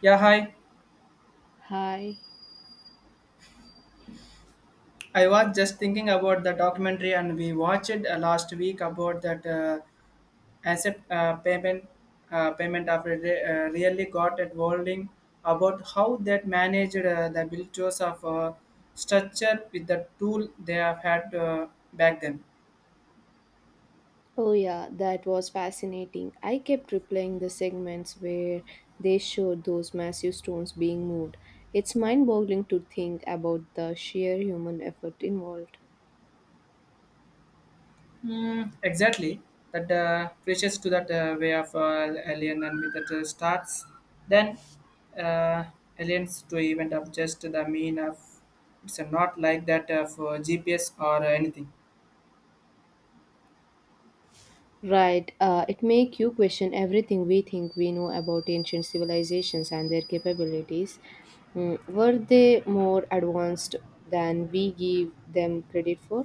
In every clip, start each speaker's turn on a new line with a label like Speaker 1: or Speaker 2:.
Speaker 1: Yeah, hi.
Speaker 2: Hi.
Speaker 1: I was just thinking about the documentary and we watched it last week about that asset payment payment of it, really got at holding about how that managed the builders of structure with the tool they have had back then.
Speaker 2: Oh, yeah, that was fascinating. I kept replaying the segments where they showed those massive stones being moved. It's mind boggling to think about the sheer human effort involved.
Speaker 1: Mm, exactly. That preaches to that way of alien and myth that starts. Then uh, aliens to event of just the mean of it's not like that for GPS or anything.
Speaker 2: Right, it makes you question everything we think we know about ancient civilizations and their capabilities. Were they more advanced than we give them credit for?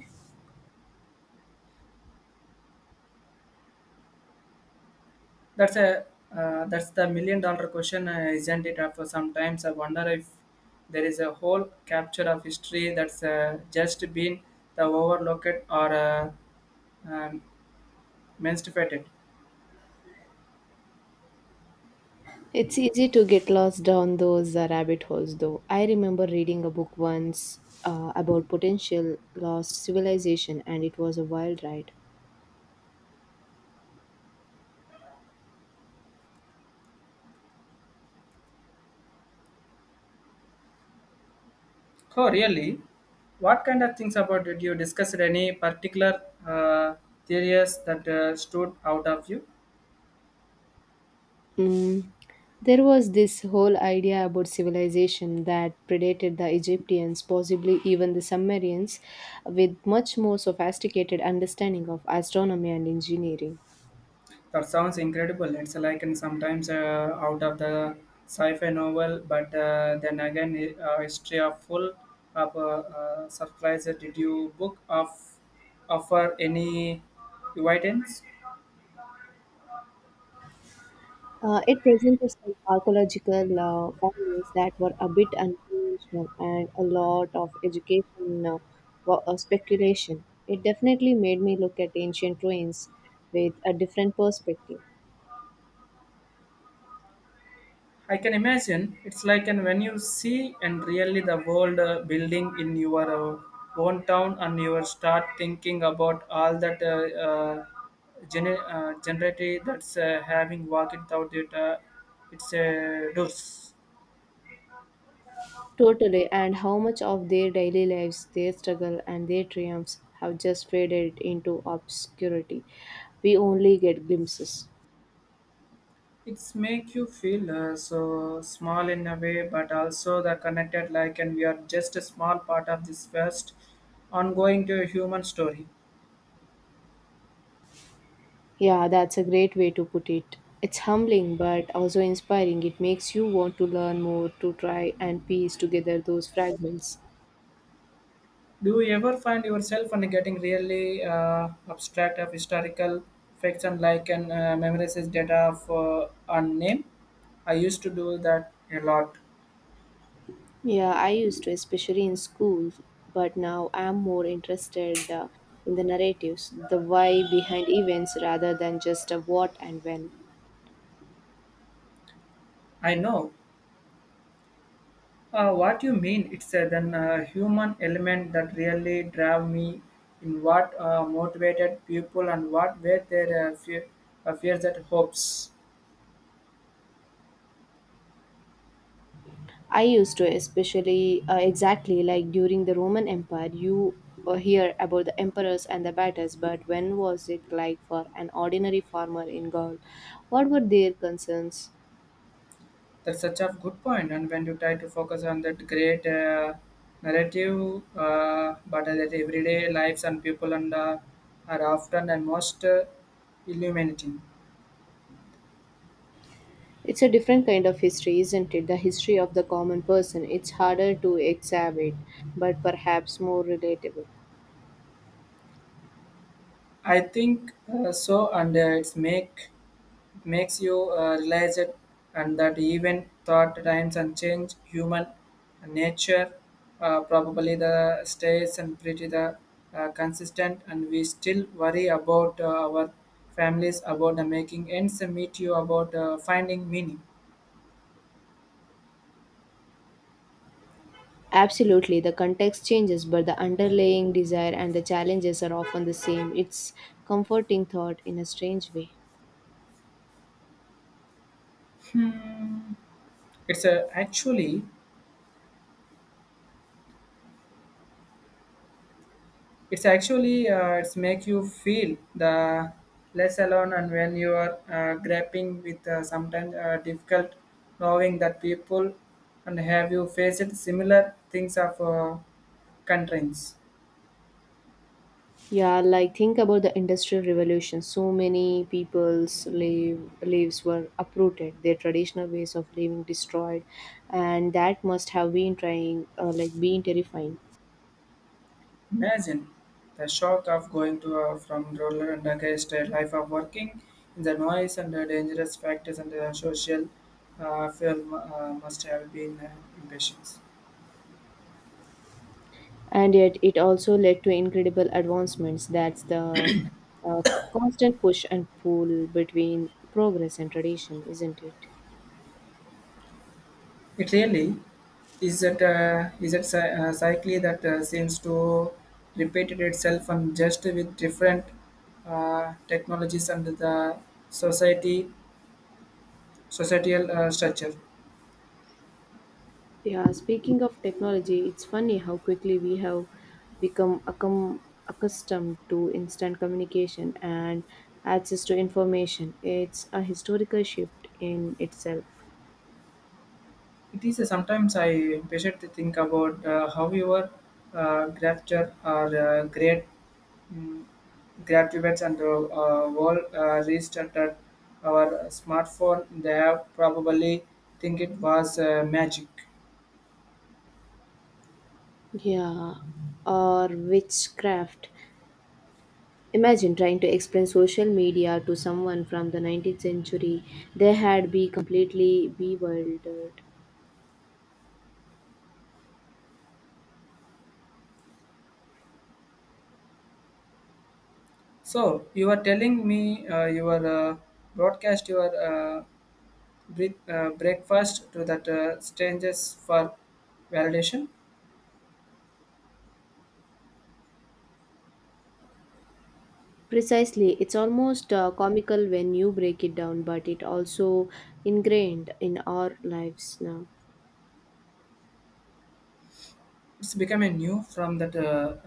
Speaker 1: That's a that's the million-dollar question, isn't it? After sometimes I wonder if there is a whole capture of history that's just been the overlooked or um, menstruated.
Speaker 2: It's easy to get lost down those rabbit holes, though. I remember reading a book once about potential lost civilization, and it was a wild ride.
Speaker 1: Oh, really? What kind of things about did you discuss? Any particular theories that stood out of you?
Speaker 2: Mm. There was this whole idea about civilization that predated the Egyptians, possibly even the Sumerians, with much more sophisticated understanding of astronomy and engineering.
Speaker 1: That sounds incredible. It's like in sometimes out of the sci-fi novel, but then again, a history of full of surprises. Did you book of offer any guidance?
Speaker 2: It presented some archaeological findings that were a bit unconventional and a lot of education speculation. It definitely made me look at ancient ruins with a different perspective.
Speaker 1: I can imagine it's like and when you see and really the world building in your own town and you start thinking about all that generity that's having walked without it, it's doors.
Speaker 2: Totally, and how much of their daily lives, their struggle, and their triumphs have just faded into obscurity. We only get glimpses.
Speaker 1: It's make you feel so small in a way, but also the connected like and we are just a small part of this vast ongoing to a human story.
Speaker 2: Yeah, that's a great way to put it. It's humbling but also inspiring. It makes you want to learn more, to try and piece together those fragments.
Speaker 1: Do you ever find yourself and getting really abstract of historical fiction like and memorizes data for a name? I used to do that a lot.
Speaker 2: Yeah, I used to, especially in school, but now I'm more interested in the narratives, the why behind events rather than just a what and when.
Speaker 1: I know what you mean. It's a then human element that really drive me in what motivated people and what were their fears and hopes.
Speaker 2: I used to, especially exactly like during the Roman Empire, you hear about the emperors and the battles, but when was it like for an ordinary farmer in Gaul? What were their concerns?
Speaker 1: That's such a good point. And when you try to focus on that great narrative, but that everyday lives and people and are often and most illuminating.
Speaker 2: It's a different kind of history, isn't it? The history of the common person. It's harder to exhibit, but perhaps more relatable.
Speaker 1: I think so, and it makes you realize it, and that even thought times and change human nature probably the stays and pretty the consistent, and we still worry about our families about the making ends meet you about finding meaning.
Speaker 2: Absolutely, the context changes, but the underlying desire and the challenges are often the same. It's comforting thought in a strange way.
Speaker 1: Hmm. It's uh, actually It's actually it's make you feel the less alone, and when you are grappling with sometimes difficult, knowing that people and have you faced similar things of constraints.
Speaker 2: Yeah, like think about the industrial revolution. So many people's lives were uprooted, their traditional ways of living destroyed, and that must have been trying, like being terrifying.
Speaker 1: Imagine the shock of going to from rural and against a life of working in the noise and the dangerous factors and the social film must have been impatience.
Speaker 2: And yet, it also led to incredible advancements. That's the uh, constant push and pull between progress and tradition, isn't it?
Speaker 1: It really is that cycle that seems to repeat it itself and just with different technologies and the society societal structure.
Speaker 2: Yeah, speaking of technology, it's funny how quickly we have become accustomed to instant communication and access to information. It's a historical shift in itself.
Speaker 1: It is sometimes I impatient to think about how your grafter or great um, graduates and world restarted our smartphone. They have probably think it was magic.
Speaker 2: Yeah, or witchcraft. Imagine trying to explain social media to someone from the 19th century. They had be completely bewildered.
Speaker 1: So you were telling me you were broadcast your uh, breakfast to that strangers for validation.
Speaker 2: Precisely, it's almost comical when you break it down, but it also ingrained in our lives now.
Speaker 1: It's becoming new from that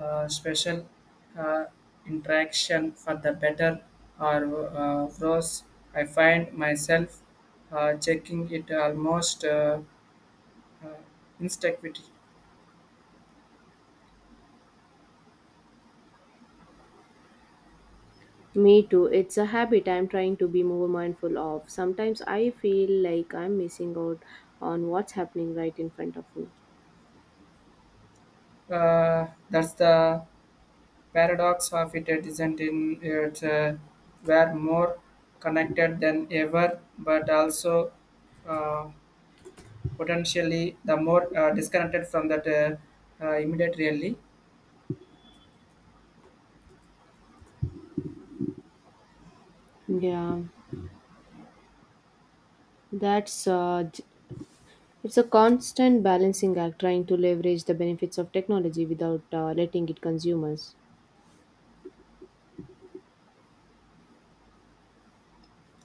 Speaker 1: special uh, interaction for the better or worse. I find myself checking it almost uh, instinctively.
Speaker 2: Me too. It's a habit I'm trying to be more mindful of. Sometimes I feel like I'm missing out on what's happening right in front of me.
Speaker 1: That's the paradox of it isn't in it we're more connected than ever but also uh, potentially the more disconnected from that immediate reality.
Speaker 2: Yeah, that's uh, j- it's a constant balancing act trying to leverage the benefits of technology without letting it consume us.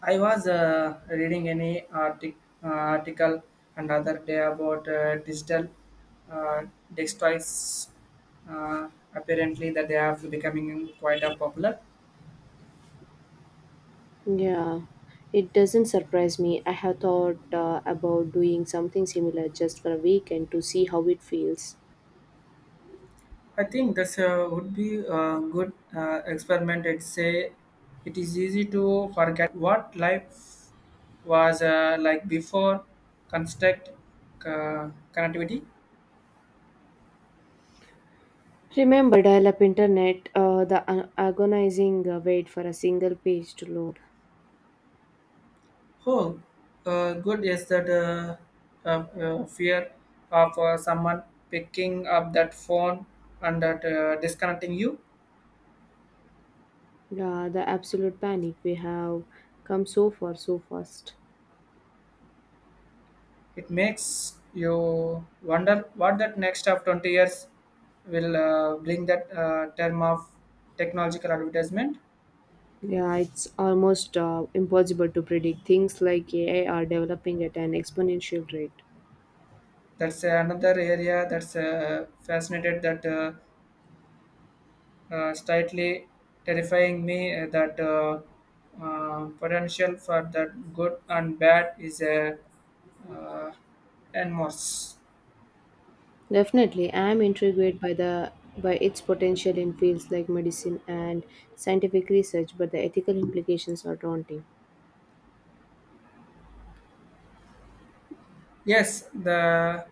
Speaker 1: I was reading any article another day about digital uh, destroys uh, apparently that they are becoming quite popular.
Speaker 2: Yeah, it doesn't surprise me. I have thought about doing something similar just for a weekend to see how it feels.
Speaker 1: I think this would be a good experiment. It say it is easy to forget what life was like before construct uh, connectivity.
Speaker 2: Remember, dial up internet, the agonizing wait for a single page to load.
Speaker 1: Oh, good is that fear of someone picking up that phone and that, disconnecting you.
Speaker 2: Yeah, the absolute panic. We have come so far so fast.
Speaker 1: It makes you wonder what that next of 20 years will bring that term of technological advertisement.
Speaker 2: Yeah, it's almost impossible to predict. Things like AI are developing at an exponential rate.
Speaker 1: That's another area that's fascinated that slightly terrifying me that potential for that good and bad is a uh, enormous.
Speaker 2: Definitely, I am intrigued by the by its potential in fields like medicine and scientific research, but the ethical implications are daunting.
Speaker 1: Yes, the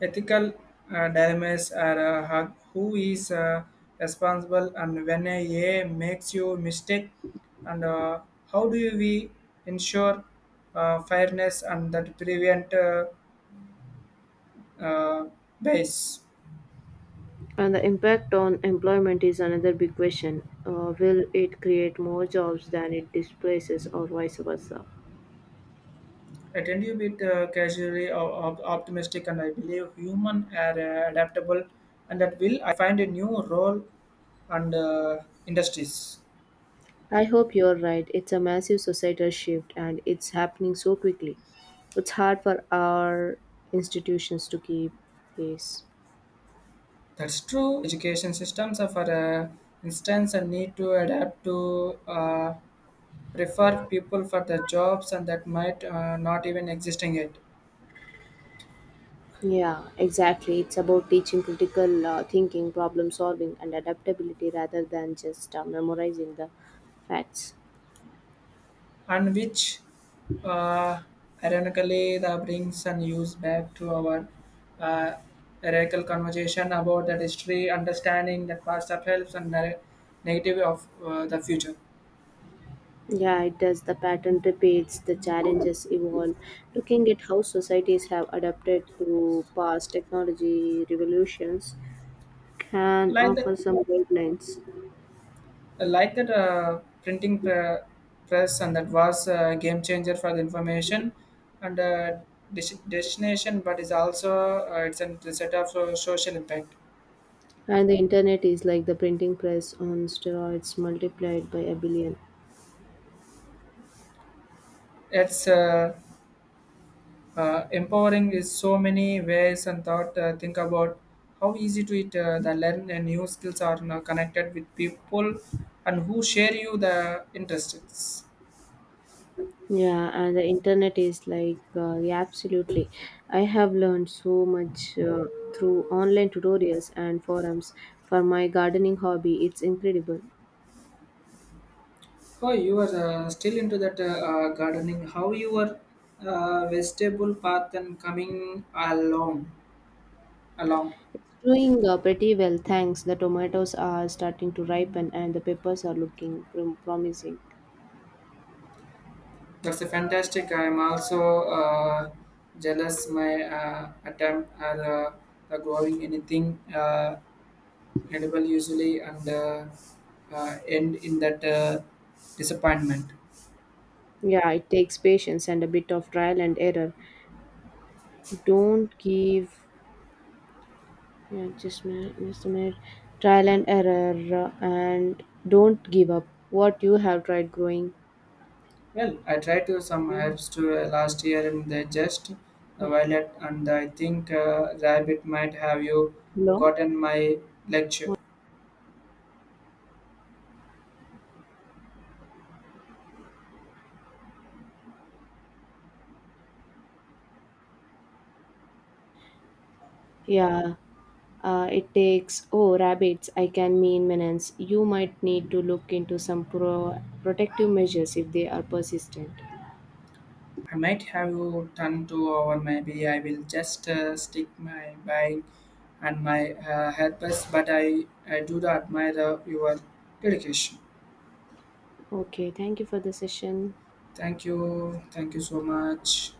Speaker 1: ethical dilemmas are who is responsible and when a AI makes you mistake and how do we ensure fairness and that prevent uh, base.
Speaker 2: And the impact on employment is another big question. Will it create more jobs than it displaces, or vice versa?
Speaker 1: I tend to be casually or optimistic, and I believe human are adaptable, and that will I find a new role and industries.
Speaker 2: I hope you're right. It's a massive societal shift, and it's happening so quickly. It's hard for our institutions to keep pace.
Speaker 1: That's true. Education systems, are, for instance, and need to adapt to prefer people for the jobs, and that might not even existing yet.
Speaker 2: Yeah, exactly. It's about teaching critical thinking, problem solving, and adaptability rather than just memorizing the facts.
Speaker 1: And which uh, ironically the brings and use back to our uh, radical conversation about that history, understanding that past that helps and the negative of the future.
Speaker 2: Yeah, it does. The pattern repeats, the challenges evolve. Looking at how societies have adapted to past technology revolutions can
Speaker 1: Like
Speaker 2: offer
Speaker 1: that,
Speaker 2: some guidelines.
Speaker 1: like that, printing press and that was a game changer for the information and destination, but is also it's a set of social impact.
Speaker 2: And the internet is like the printing press on steroids multiplied by a billion.
Speaker 1: It's empowering is so many ways and thought think about how easy to it the learn and new skills are now connected with people and who share you the interests.
Speaker 2: Yeah, and the internet is like, yeah, absolutely. I have learned so much through online tutorials and forums for my gardening hobby. It's incredible.
Speaker 1: Oh you are still into that gardening how your vegetable path and coming along along
Speaker 2: It's doing pretty well, thanks. The tomatoes are starting to ripen and the peppers are looking promising.
Speaker 1: That's a fantastic. I am also jealous. My attempt at growing anything edible usually and end in that disappointment.
Speaker 2: Yeah, it takes patience and a bit of trial and error. Don't give, yeah, just a minute, just a minute. Trial and error and don't give up what you have tried growing.
Speaker 1: Well, I tried to some herbs to last year and they just the violet and I think rabbit might have you
Speaker 2: Hello?
Speaker 1: gotten my lecture.
Speaker 2: Yeah, it takes, oh, rabbits, I can mean menace. You might need to look into some protective measures if they are persistent.
Speaker 1: I might have done too, or maybe I will just stick my buying and my helpers. But I do admire your dedication.
Speaker 2: Okay, thank you for the session.
Speaker 1: Thank you. Thank you so much.